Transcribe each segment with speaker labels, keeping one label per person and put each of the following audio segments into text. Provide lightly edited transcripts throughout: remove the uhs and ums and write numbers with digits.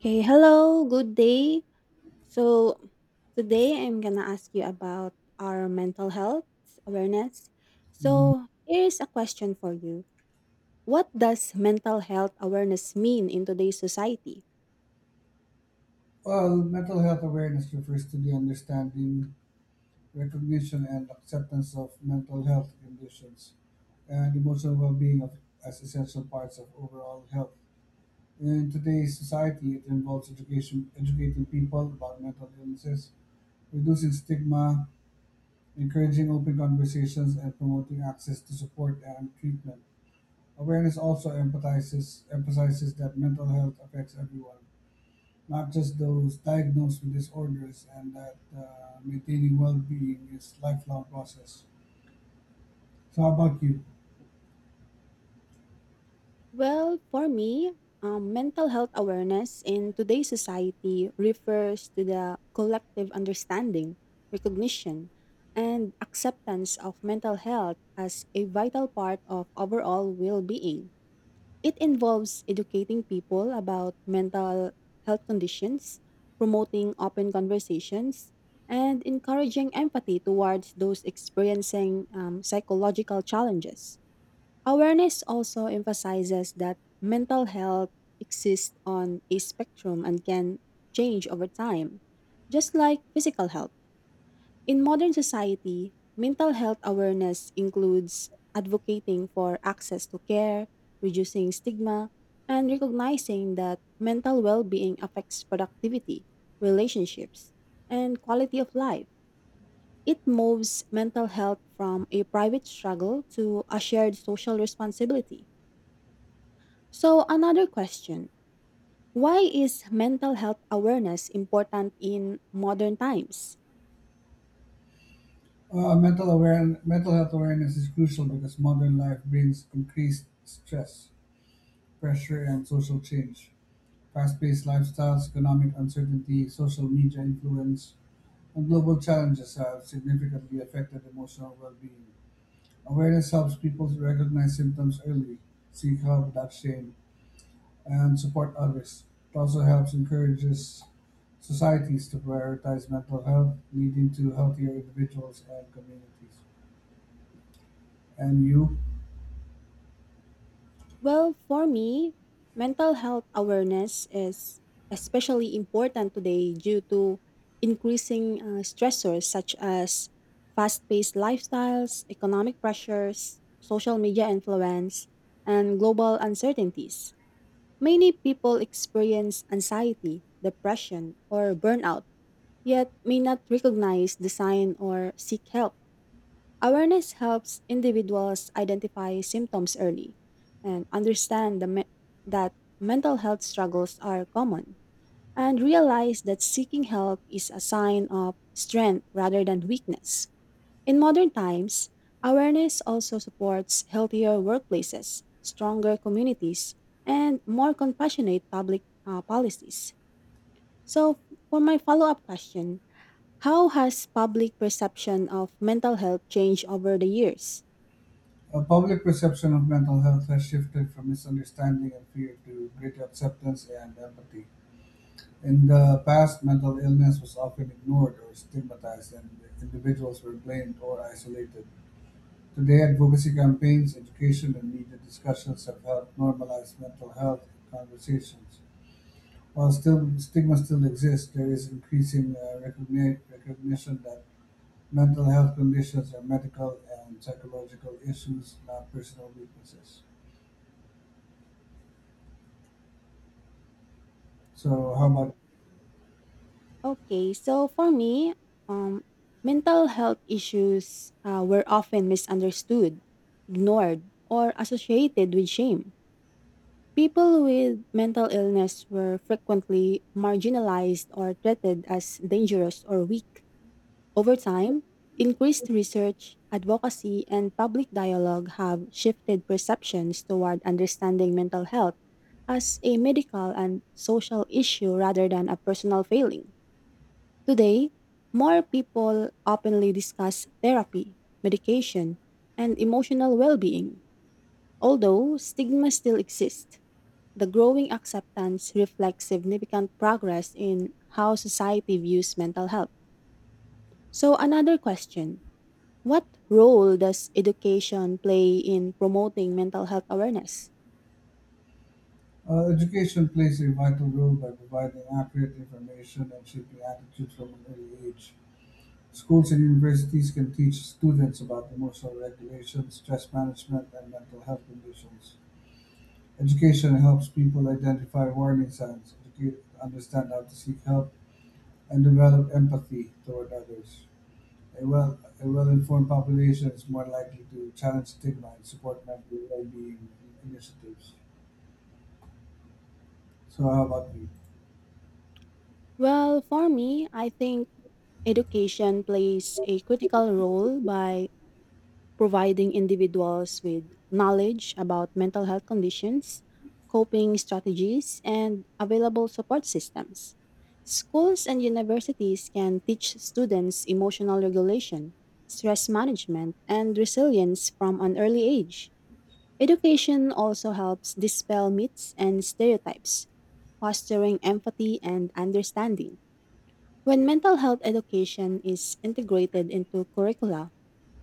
Speaker 1: Okay, hello, good day. So, today I'm gonna ask you about our mental health awareness.
Speaker 2: Mhm.
Speaker 1: So, here's a question for you. What does mental health awareness mean in today's society?
Speaker 2: Well, mental health awareness refers to the understanding, recognition, and acceptance of mental health conditions and emotional well being as essential parts of overall health. In today's society, it involves educating people about mental illnesses, reducing stigma, encouraging open conversations, and promoting access to support and treatment. Awareness also emphasizes that mental health affects everyone not just those diagnosed with disorders, and that maintaining well-being is lifelong process. So, how about you?
Speaker 1: Well, for me, mental health awareness in today's society refers to the collective understanding, recognition, and acceptance of mental health as a vital part of overall well being. It involves educating people about mental health conditions, promoting open conversations, and encouraging empathy towards those experiencing psychological challenges. Awareness also emphasizes that mental health exists on a spectrum and can change over time, just like physical health. In modern society, mental health awareness includes advocating for access to care, reducing stigma, and recognizing that mental well being affects productivity, relationships, and quality of life. It moves mental health from a private struggle to a shared social responsibility. So, another question. Why is mental health awareness important in modern times?
Speaker 2: Mental health awareness is crucial because modern life brings increased stress, pressure, and social change. Fast-paced lifestyles, economic uncertainty, social media influence, and global challenges have significantly affected emotional well-being. Awareness helps people to recognize symptoms early, seek help without shame, and support others. It also helps encourages societies to prioritize mental health, leading to healthier individuals and communities. And you?
Speaker 1: Well, for me, mental health awareness is especially important today due to increasing stressors such as fast paced lifestyles, economic pressures, social media influence, and global uncertainties. Many people experience anxiety, depression, or burnout, yet may not recognize the sign or seek help. Awareness helps individuals identify symptoms early and understand that mental health struggles are common and realize that seeking help is a sign of strength rather than weakness. In modern times, awareness also supports healthier workplaces, stronger communities, and more compassionate public policies. So, for my follow up question, how has public perception of mental health changed over the years?
Speaker 2: A public perception of mental health has shifted from misunderstanding and fear to greater acceptance and empathy. In the past, mental illness was often ignored or stigmatized, and individuals were blamed or isolated. Today, advocacy campaigns, education, and media discussions have helped normalize mental health conversations. While still stigma still exists, there is increasing recognition that mental health conditions are medical and psychological issues, not personal weaknesses. So, how about
Speaker 1: Okay, so for me, um, mental health issues were often misunderstood, ignored, or associated with shame. People with mental illness were frequently marginalized or treated as dangerous or weak. Over time, increased research, advocacy, and public dialogue have shifted perceptions toward understanding mental health as a medical and social issue rather than a personal failing. Today, more people openly discuss therapy, medication, and emotional well being. Although stigma still exists, the growing acceptance reflects significant progress in how society views mental health. So, another question. What role does education play in promoting mental health awareness?
Speaker 2: education plays a vital role by providing accurate information and shaping attitudes from an early age. Schools and universities can teach students about emotional regulation, stress management, and mental health conditions. Education helps people identify warning signs, understand how to seek help and develop empathy toward others. A well informed population is more likely to challenge stigma and support mental well being initiatives. So how about you?
Speaker 1: Well, for me, I think education plays a critical role by providing individuals with knowledge about mental health conditions, coping strategies, and available support systems. Schools and universities can teach students emotional regulation, stress management, and resilience from an early age. Education also helps dispel myths and stereotypes, fostering empathy and understanding. When mental health education is integrated into curricula,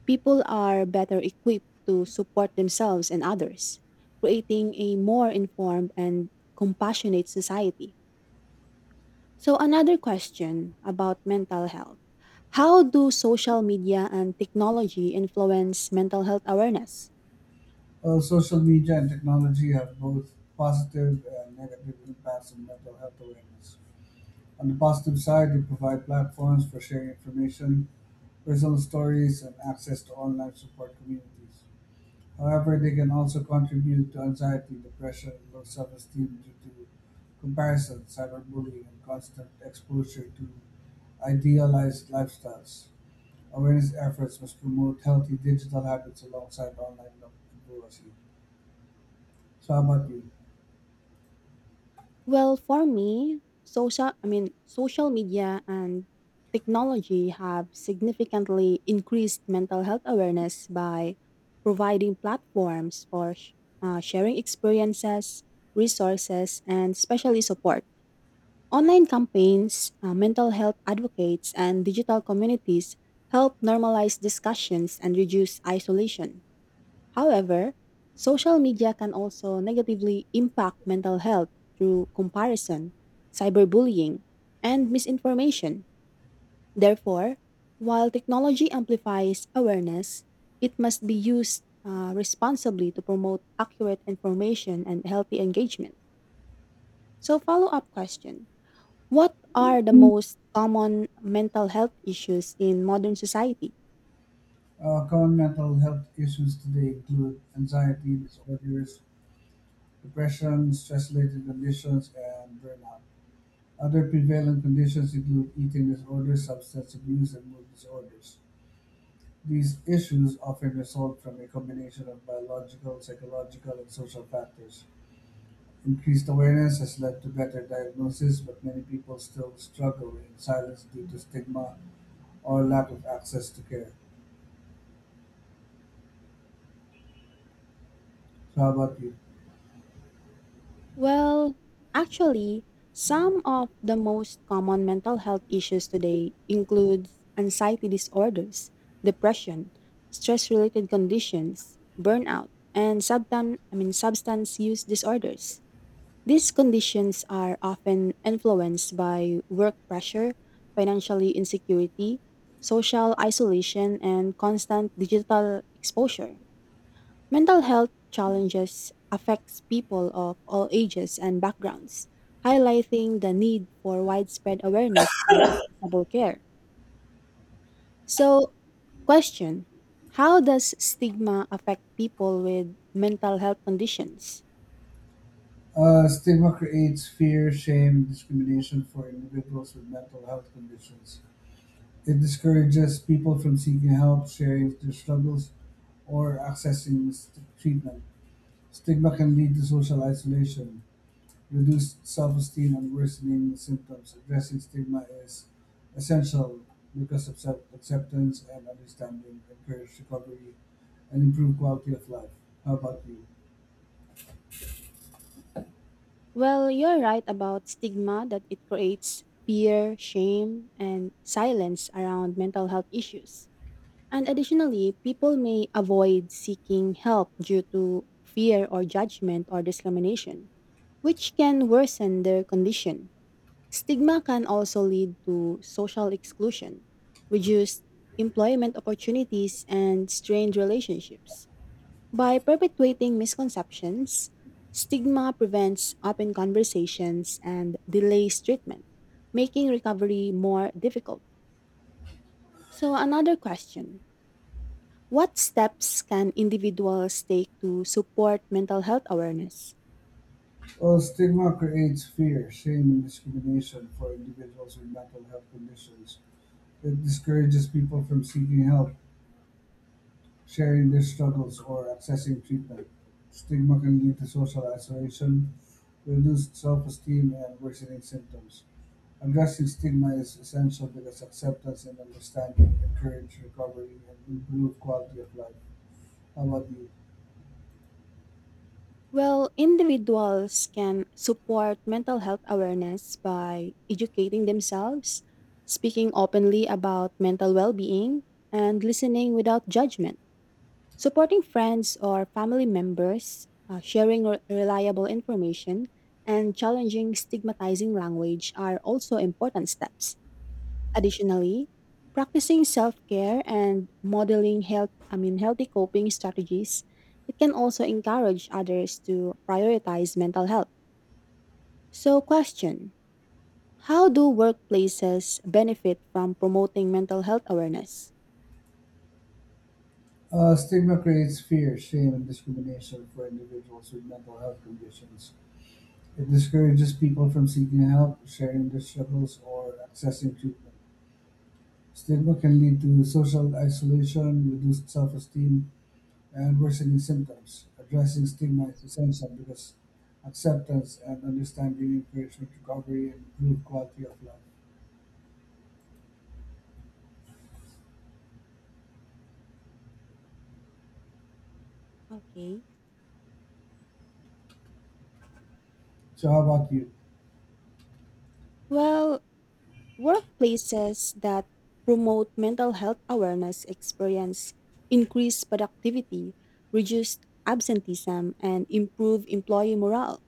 Speaker 1: people are better equipped to support themselves and others, creating a more informed and compassionate society. So, another question about mental health. How do social media and technology influence mental health awareness?
Speaker 2: Well, social media and technology have both positive and negative impacts on mental health awareness. On the positive side, they provide platforms for sharing information, personal stories, and access to online support communities. However, they can also contribute to anxiety, depression, and low self-esteem due to comparison, cyberbullying, and constant exposure to idealized lifestyles. Awareness efforts must promote healthy digital habits alongside online literacy. So, how about you?
Speaker 1: Well, for me, social I mean social media and technology have significantly increased mental health awareness by providing platforms for sharing experiences, resources, and especially support. Online campaigns, mental health advocates, and digital communities help normalize discussions and reduce isolation. However, social media can also negatively impact mental health through comparison, cyberbullying, and misinformation. Therefore, while technology amplifies awareness, it must be used responsibly to promote accurate information and healthy engagement. So, follow up question. What are the most common mental health issues in modern society?
Speaker 2: Common mental health issues today include anxiety disorders, depression, stress-related conditions, and burnout. Other prevalent conditions include eating disorders, substance abuse, and mood disorders. These issues often result from a combination of biological, psychological, and social factors. Increased awareness has led to better diagnosis, but many people still struggle in silence due to stigma or lack of access to care. So, how about you?
Speaker 1: Well, actually, some of the most common mental health issues today include anxiety disorders, depression, stress-related conditions, burnout, and substance use disorders. These conditions are often influenced by work pressure, financially insecurity, social isolation, and constant digital exposure. Mental health challenges affects people of all ages and backgrounds, highlighting the need for widespread awareness and accessible care. So, question, how does stigma affect people with mental health conditions?
Speaker 2: Stigma creates fear, shame, discrimination for individuals with mental health conditions. It discourages people from seeking help, sharing their struggles, or accessing treatment. Stigma can lead to social isolation, reduced self-esteem and worsening symptoms, addressing stigma is essential because of self-acceptance and understanding encourage recovery and improve quality of life. How about you?
Speaker 1: Well, you're right about stigma that it creates fear, shame, and silence around mental health issues. And additionally, people may avoid seeking help due to fear or judgment or discrimination, which can worsen their condition. Stigma can also lead to social exclusion, reduced employment opportunities, and strained relationships. By perpetuating misconceptions, stigma prevents open conversations and delays treatment, making recovery more difficult. So, another question. What steps can individuals take to support mental health awareness?
Speaker 2: Well, stigma creates fear, shame, and discrimination for individuals with mental health conditions. It discourages people from seeking help, sharing their struggles, or accessing treatment. Stigma can lead to social isolation, reduced self esteem, and worsening symptoms. Addressing stigma is essential because acceptance and understanding encourage recovery and improve quality of life. How about you?
Speaker 1: Well, individuals can support mental health awareness by educating themselves, speaking openly about mental well being, and listening without judgment, supporting friends or family members, sharing reliable information, and challenging stigmatizing language are also important steps. Additionally, practicing self-care and modeling healthy coping strategies, it can also encourage others to prioritize mental health. So, question, how do workplaces benefit from promoting mental health awareness?
Speaker 2: Stigma creates fear, shame, and discrimination for individuals with mental health conditions. It discourages people from seeking help, sharing their struggles, or accessing treatment. Stigma can lead to social isolation, reduced self esteem, and worsening symptoms. Addressing stigma is essential because acceptance and understanding encourage recovery and improve quality of life.
Speaker 1: Okay.
Speaker 2: So how about you?
Speaker 1: Well, workplaces that promote mental health awareness experience increased productivity, reduced absenteeism and improve employee morale.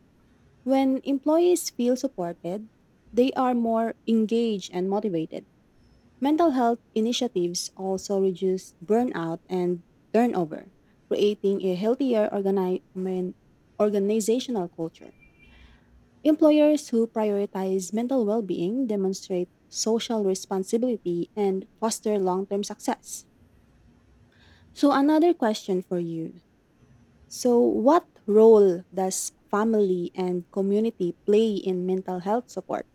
Speaker 1: When employees feel supported, they are more engaged and motivated. Mental health initiatives also reduce burnout and turnover, creating a healthier organizational culture. Employers who prioritize mental well being demonstrate social responsibility and foster long term success. So, another question for you. So, what role does family and community play in mental health support?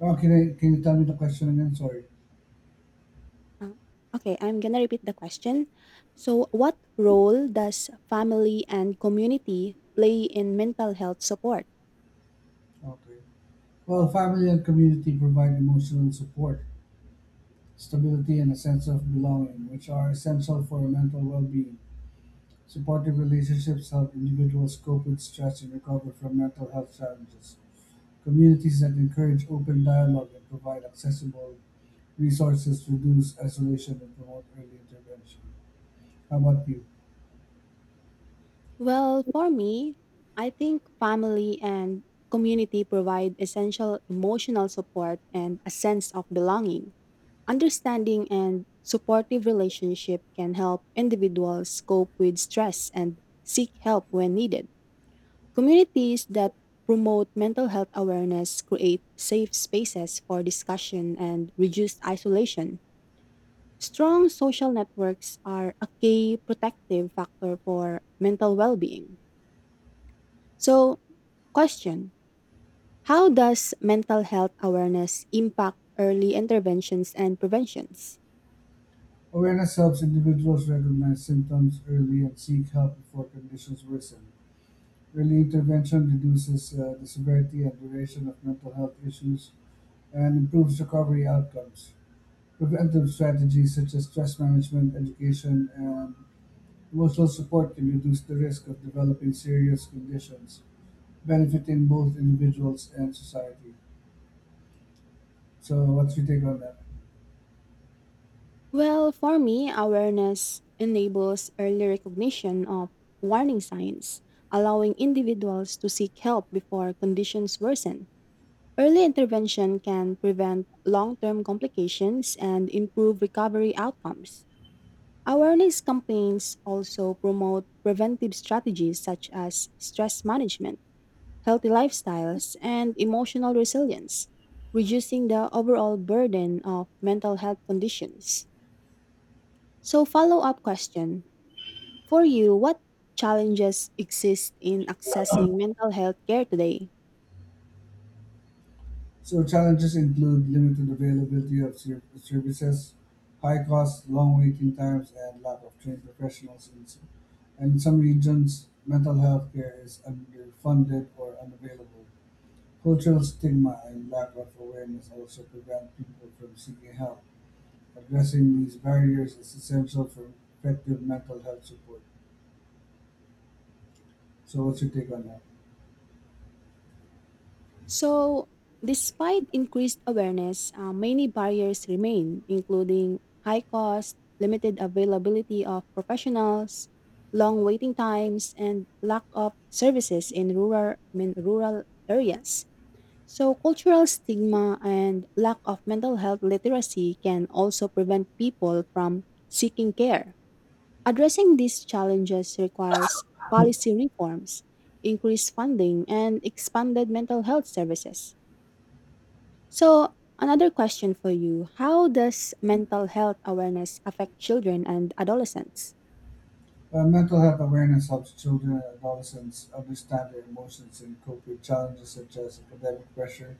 Speaker 2: Oh, can you tell me the question again? Sorry.
Speaker 1: Oh, okay, I'm gonna repeat the question. So, what role does family and community play in mental health support?
Speaker 2: Okay. Well, family and community provide emotional support, stability, and a sense of belonging, which are essential for mental well-being. Supportive relationships help individuals cope with stress and recover from mental health challenges. Communities that encourage open dialogue and provide accessible resources reduce isolation and promote early intervention. How about you?
Speaker 1: Well, for me, I think family and community provide essential emotional support and a sense of belonging. Understanding and supportive relationship can help individuals cope with stress and seek help when needed. Communities that promote mental health awareness create safe spaces for discussion and reduce isolation. Strong social networks are a key protective factor for mental well being. So, question. How does mental health awareness impact early interventions and preventions?
Speaker 2: Awareness helps individuals recognize symptoms early and seek help before conditions worsen. Early intervention reduces the severity and duration of mental health issues and improves recovery outcomes. Preventive strategies such as stress management, education, and emotional support can reduce the risk of developing serious conditions, benefiting both individuals and society. So, what's your take on that?
Speaker 1: Well, for me, awareness enables early recognition of warning signs, allowing individuals to seek help before conditions worsen. Early intervention can prevent long term complications and improve recovery outcomes. Awareness campaigns also promote preventive strategies such as stress management, healthy lifestyles, and emotional resilience, reducing the overall burden of mental health conditions. So, follow up question. For you, what challenges exist in accessing mental health care today?
Speaker 2: So challenges include limited availability of services, high costs, long waiting times, and lack of trained professionals. In some regions, mental health care is underfunded or unavailable. Cultural stigma and lack of awareness also prevent people from seeking help. Addressing these barriers is essential for effective mental health support. So, what's your take on that?
Speaker 1: So, despite increased awareness, many barriers remain, including high cost, limited availability of professionals, long waiting times, and lack of services in rural areas. So, cultural stigma and lack of mental health literacy can also prevent people from seeking care. Addressing these challenges requires policy reforms, increased funding, and expanded mental health services. So, another question for you. How does mental health awareness affect children and adolescents?
Speaker 2: Mental health awareness helps children and adolescents understand their emotions and cope with challenges such as academic pressure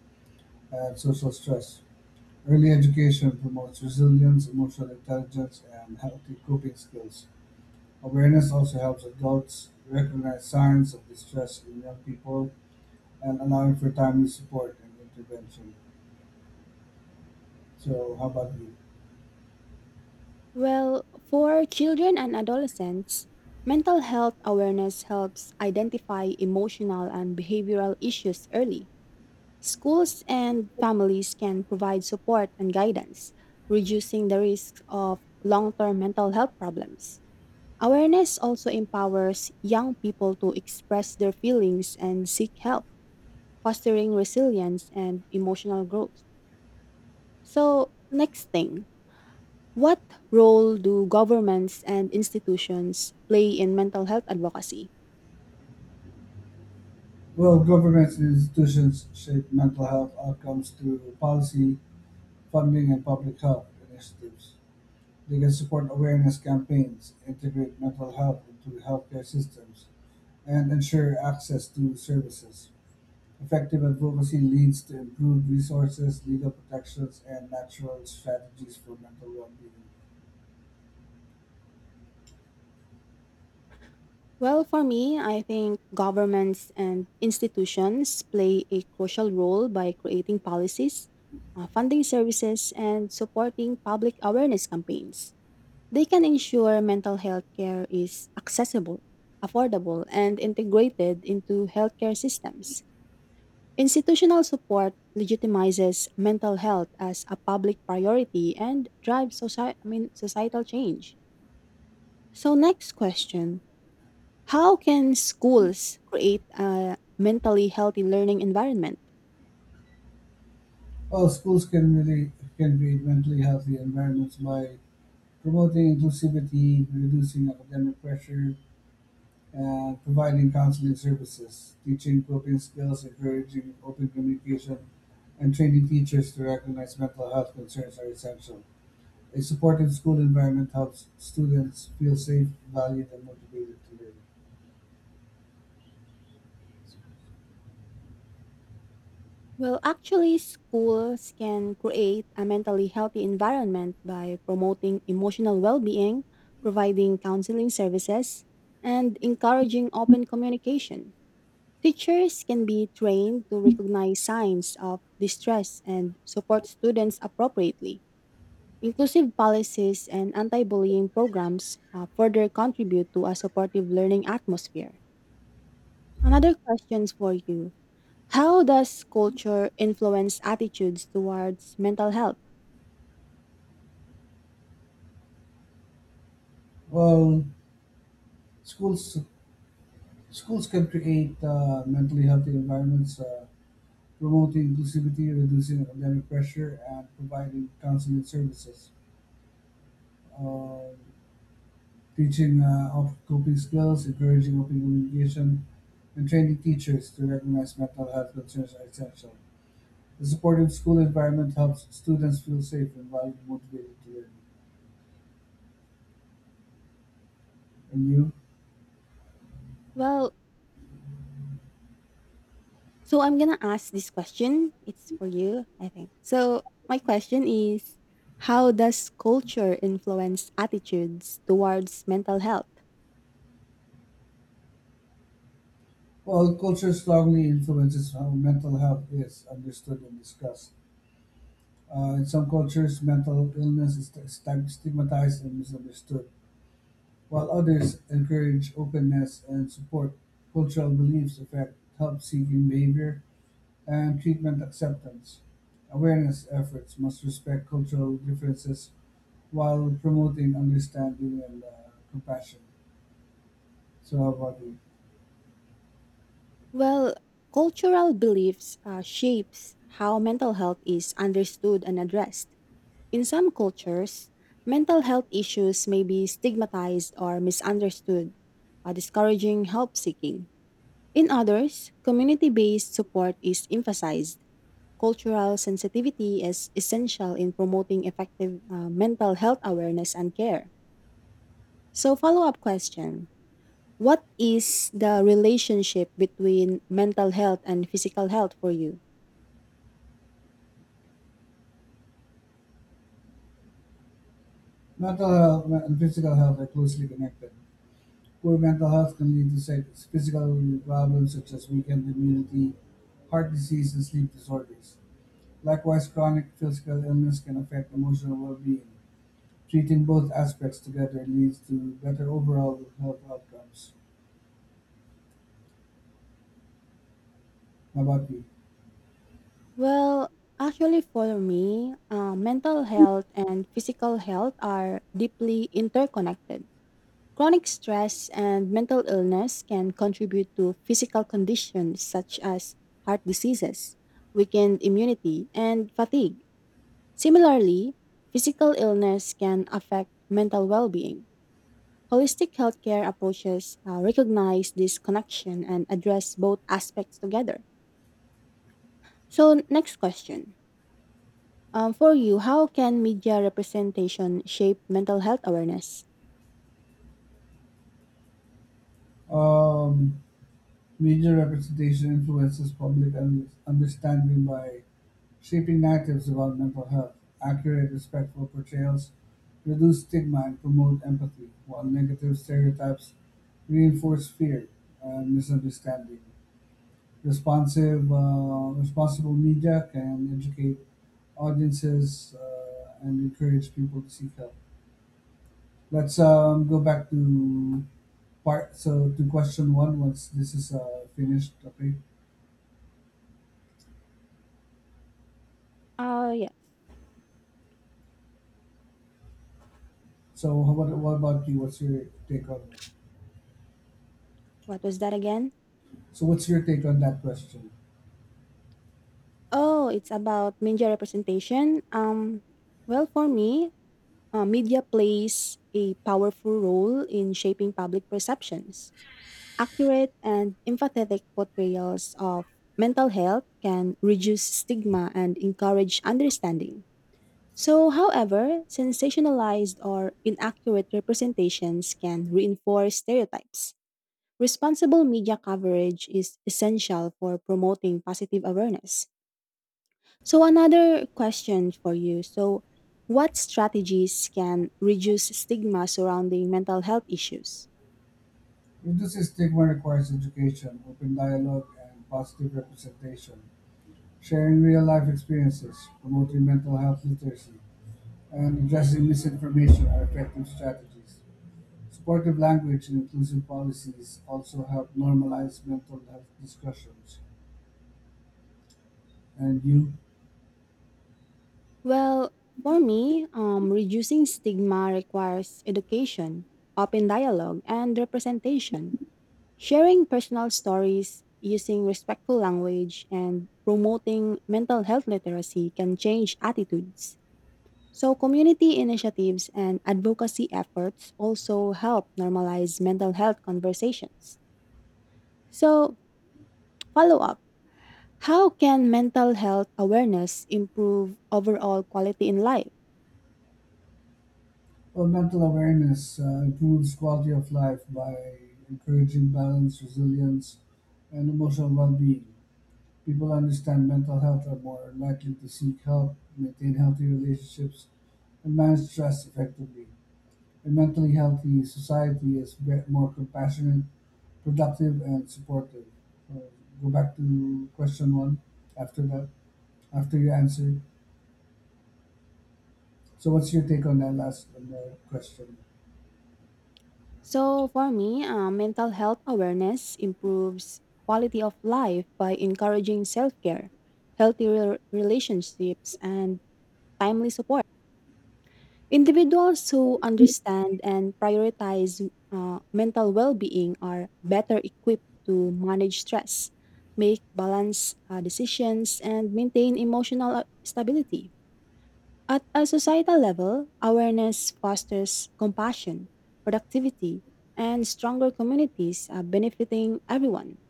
Speaker 2: and social stress. Early education promotes resilience, emotional intelligence, and healthy coping skills. Awareness also helps adults recognize signs of distress in young people and allowing for timely support and intervention. So, how about you?
Speaker 1: Well, for children and adolescents, mental health awareness helps identify emotional and behavioral issues early. Schools and families can provide support and guidance, reducing the risk of long term mental health problems. Awareness also empowers young people to express their feelings and seek help fostering resilience and emotional growth. So, next thing, what role do governments and institutions play in mental health advocacy?
Speaker 2: Well, governments and institutions shape mental health outcomes through policy, funding, and public health initiatives. They can support awareness campaigns, integrate mental health into healthcare systems, and ensure access to services. Effective advocacy leads to improved resources, legal protections, and natural strategies for mental well-being.
Speaker 1: Well, for me, I think governments and institutions play a crucial role by creating policies, funding services, and supporting public awareness campaigns. They can ensure mental health care is accessible, affordable, and integrated into healthcare systems. Institutional support legitimizes mental health as a public priority and drives societal change. So, next question. How can schools create a mentally healthy learning environment?
Speaker 2: Well, schools can create mentally healthy environments by promoting inclusivity, reducing academic pressure, providing counseling services, teaching coping skills, encouraging open communication, and training teachers to recognize mental health concerns are essential. A supportive school environment helps students feel safe, valued, and motivated to learn.
Speaker 1: Well, actually, schools can create a mentally healthy environment by promoting emotional well being, providing counseling services, and encouraging open communication. Teachers can be trained to recognize signs of distress and support students appropriately. Inclusive policies and anti bullying programs further contribute to a supportive learning atmosphere. Another question for you. How does culture influence attitudes towards mental health?
Speaker 2: Well, schools schools can create mentally healthy environments, promoting inclusivity, reducing academic pressure, and providing counseling services. Um, Teaching coping skills, encouraging open communication, and training teachers to recognize mental health concerns are essential. A supportive school environment helps students feel safe and valued, motivated to learn. And you?
Speaker 1: Well, so I'm going to ask this question. It's for you, I think. So, my question is, how does culture influence attitudes towards mental health?
Speaker 2: Well, culture strongly influences how mental health is understood and discussed. In some cultures, mental illness is stigmatized and misunderstood, while others encourage openness and support. Cultural beliefs affect help seeking behavior and treatment acceptance. Awareness efforts must respect cultural differences while promoting understanding and compassion to our body.
Speaker 1: Well, cultural beliefs shapes how mental health is understood and addressed. In some cultures, mental health issues may be stigmatized or misunderstood, discouraging help seeking. In others, community-based support is emphasized. Cultural sensitivity is essential in promoting effective mental health awareness and care. So, follow-up question: what is the relationship between mental health and physical health for you?
Speaker 2: Mental health and physical health are closely connected. Poor mental health can lead to physical problems such as weakened immunity, heart disease, and sleep disorders. Likewise, chronic physical illness can affect emotional well being. Treating both aspects together leads to better overall health outcomes. How about you?
Speaker 1: Well, actually, for me, mental health and physical health are deeply interconnected. Chronic stress and mental illness can contribute to physical conditions such as heart diseases, weakened immunity, and fatigue. Similarly, physical illness can affect mental well being. Holistic healthcare approaches recognize this connection and address both aspects together. So, next question. For you, how can media representation shape mental health awareness?
Speaker 2: Um, Media representation influences public understanding by shaping narratives about mental health. Accurate, respectful portrayals reduce stigma and promote empathy, while negative stereotypes reinforce fear and misunderstanding. Responsible media can educate audiences and encourage people to seek help. Let's go back to part so to question one once this is finished. Okay.
Speaker 1: Oh, yes.
Speaker 2: So how about what about you? What's your take on that?
Speaker 1: What was that again?
Speaker 2: So what's your take on that question?
Speaker 1: Oh, it's about media representation. Well, for me, media plays a powerful role in shaping public perceptions. Accurate and empathetic portrayals of mental health can reduce stigma and encourage understanding. So, however, sensationalized or inaccurate representations can reinforce stereotypes. Responsible media coverage is essential for promoting positive awareness. So, another question for you. So, what strategies can reduce stigma surrounding mental health issues?
Speaker 2: Reducing stigma requires education, open dialogue, and positive representation. Sharing real life experiences, promoting mental health literacy, and addressing misinformation are effective strategies. Supportive language and inclusive policies also help normalize mental health discussions. And you?
Speaker 1: Well, for me, reducing stigma requires education, open dialogue, and representation. Sharing personal stories, using respectful language, and promoting mental health literacy can change attitudes. So, community initiatives and advocacy efforts also help normalize mental health conversations. So, follow up. How can mental health awareness improve overall quality in life?
Speaker 2: Well, mental awareness improves quality of life by encouraging balance, resilience, and emotional well being. People who understand mental health are more likely to seek help, maintain healthy relationships, and manage stress effectively. A mentally healthy society is more compassionate, productive, and supportive. Uh, Go back to question one after that, after your answer. So, what's your take on that last on the question?
Speaker 1: So for me, mental health awareness improves quality of life by encouraging self-care, healthy relationships, and timely support. Individuals who understand and prioritize mental well-being are better equipped to manage stress, make balanced decisions, and maintain emotional stability. At a societal level, awareness fosters compassion, productivity, and stronger communities benefiting everyone.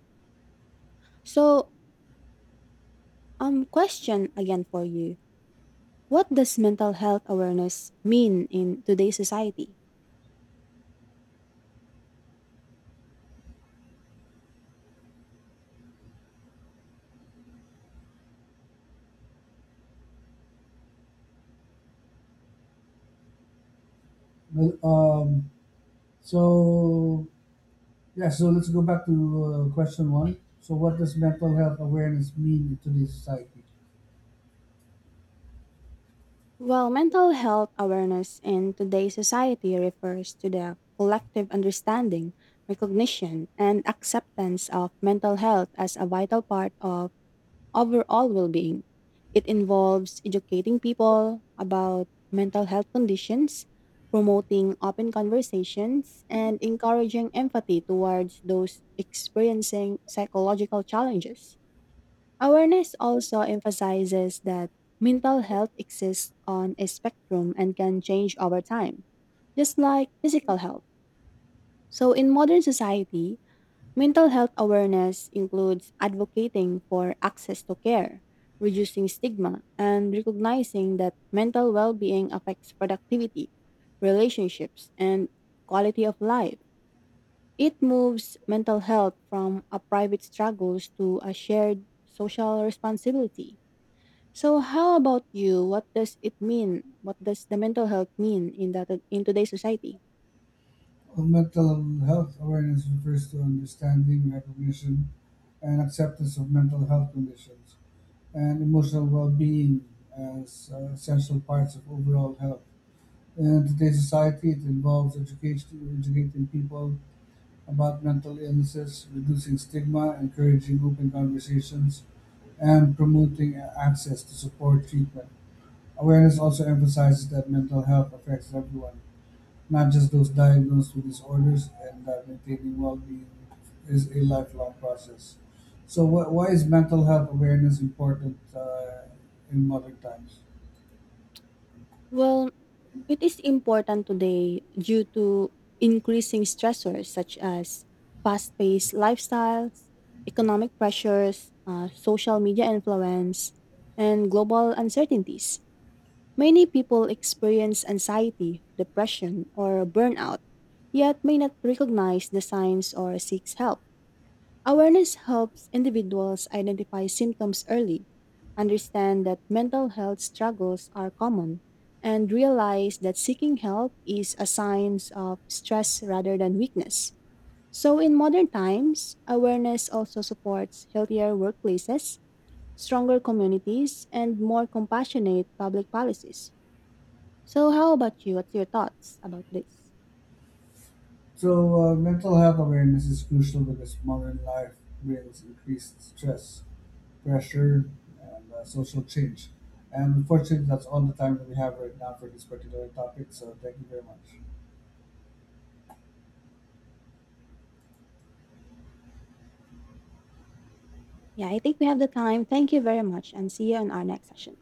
Speaker 1: So, question again for you. What does mental health awareness mean in today's society?
Speaker 2: Well, so Yeah, so let's go back to question one. So, what does mental health awareness mean in today's society?
Speaker 1: Well, mental health awareness in today's society refers to the collective understanding, recognition, and acceptance of mental health as a vital part of overall well being. It involves educating people about mental health conditions, promoting open conversations, and encouraging empathy towards those experiencing psychological challenges. Awareness also emphasizes that mental health exists on a spectrum and can change over time, just like physical health. So, in modern society, mental health awareness includes advocating for access to care, reducing stigma, and recognizing that mental well being affects productivity, relationships, and quality of life. It moves mental health from a private struggles to a shared social responsibility. So how about you? What does it mean? What does the mental health mean in that in today's society?
Speaker 2: Well, mental health awareness refers to understanding, recognition, and acceptance of mental health conditions and emotional well being as essential parts of overall health. In today's society, it involves educating people about mental illnesses, reducing stigma, encouraging open conversations, and promoting access to support treatment. Awareness also emphasizes that mental health affects everyone, not just those diagnosed with disorders, and that maintaining well-being is a lifelong process. So, why is mental health awareness important in modern times?
Speaker 1: Well, it is important today due to increasing stressors such as fast paced lifestyles, economic pressures, social media influence, and global uncertainties. Many people experience anxiety, depression, or burnout, yet may not recognize the signs or seek help. Awareness helps individuals identify symptoms early, understand that mental health struggles are common, and realize that seeking help is a sign of stress rather than weakness. So, in modern times, awareness also supports healthier workplaces, stronger communities, and more compassionate public policies. So, how about you? What's your thoughts about this?
Speaker 2: So, mental health awareness is crucial because modern life brings increased stress, pressure, and social change. And unfortunately, that's all the time that we have right now for this particular topic. So, thank you very much.
Speaker 1: Yeah, I think we have the time. Thank you very much, and see you in our next session.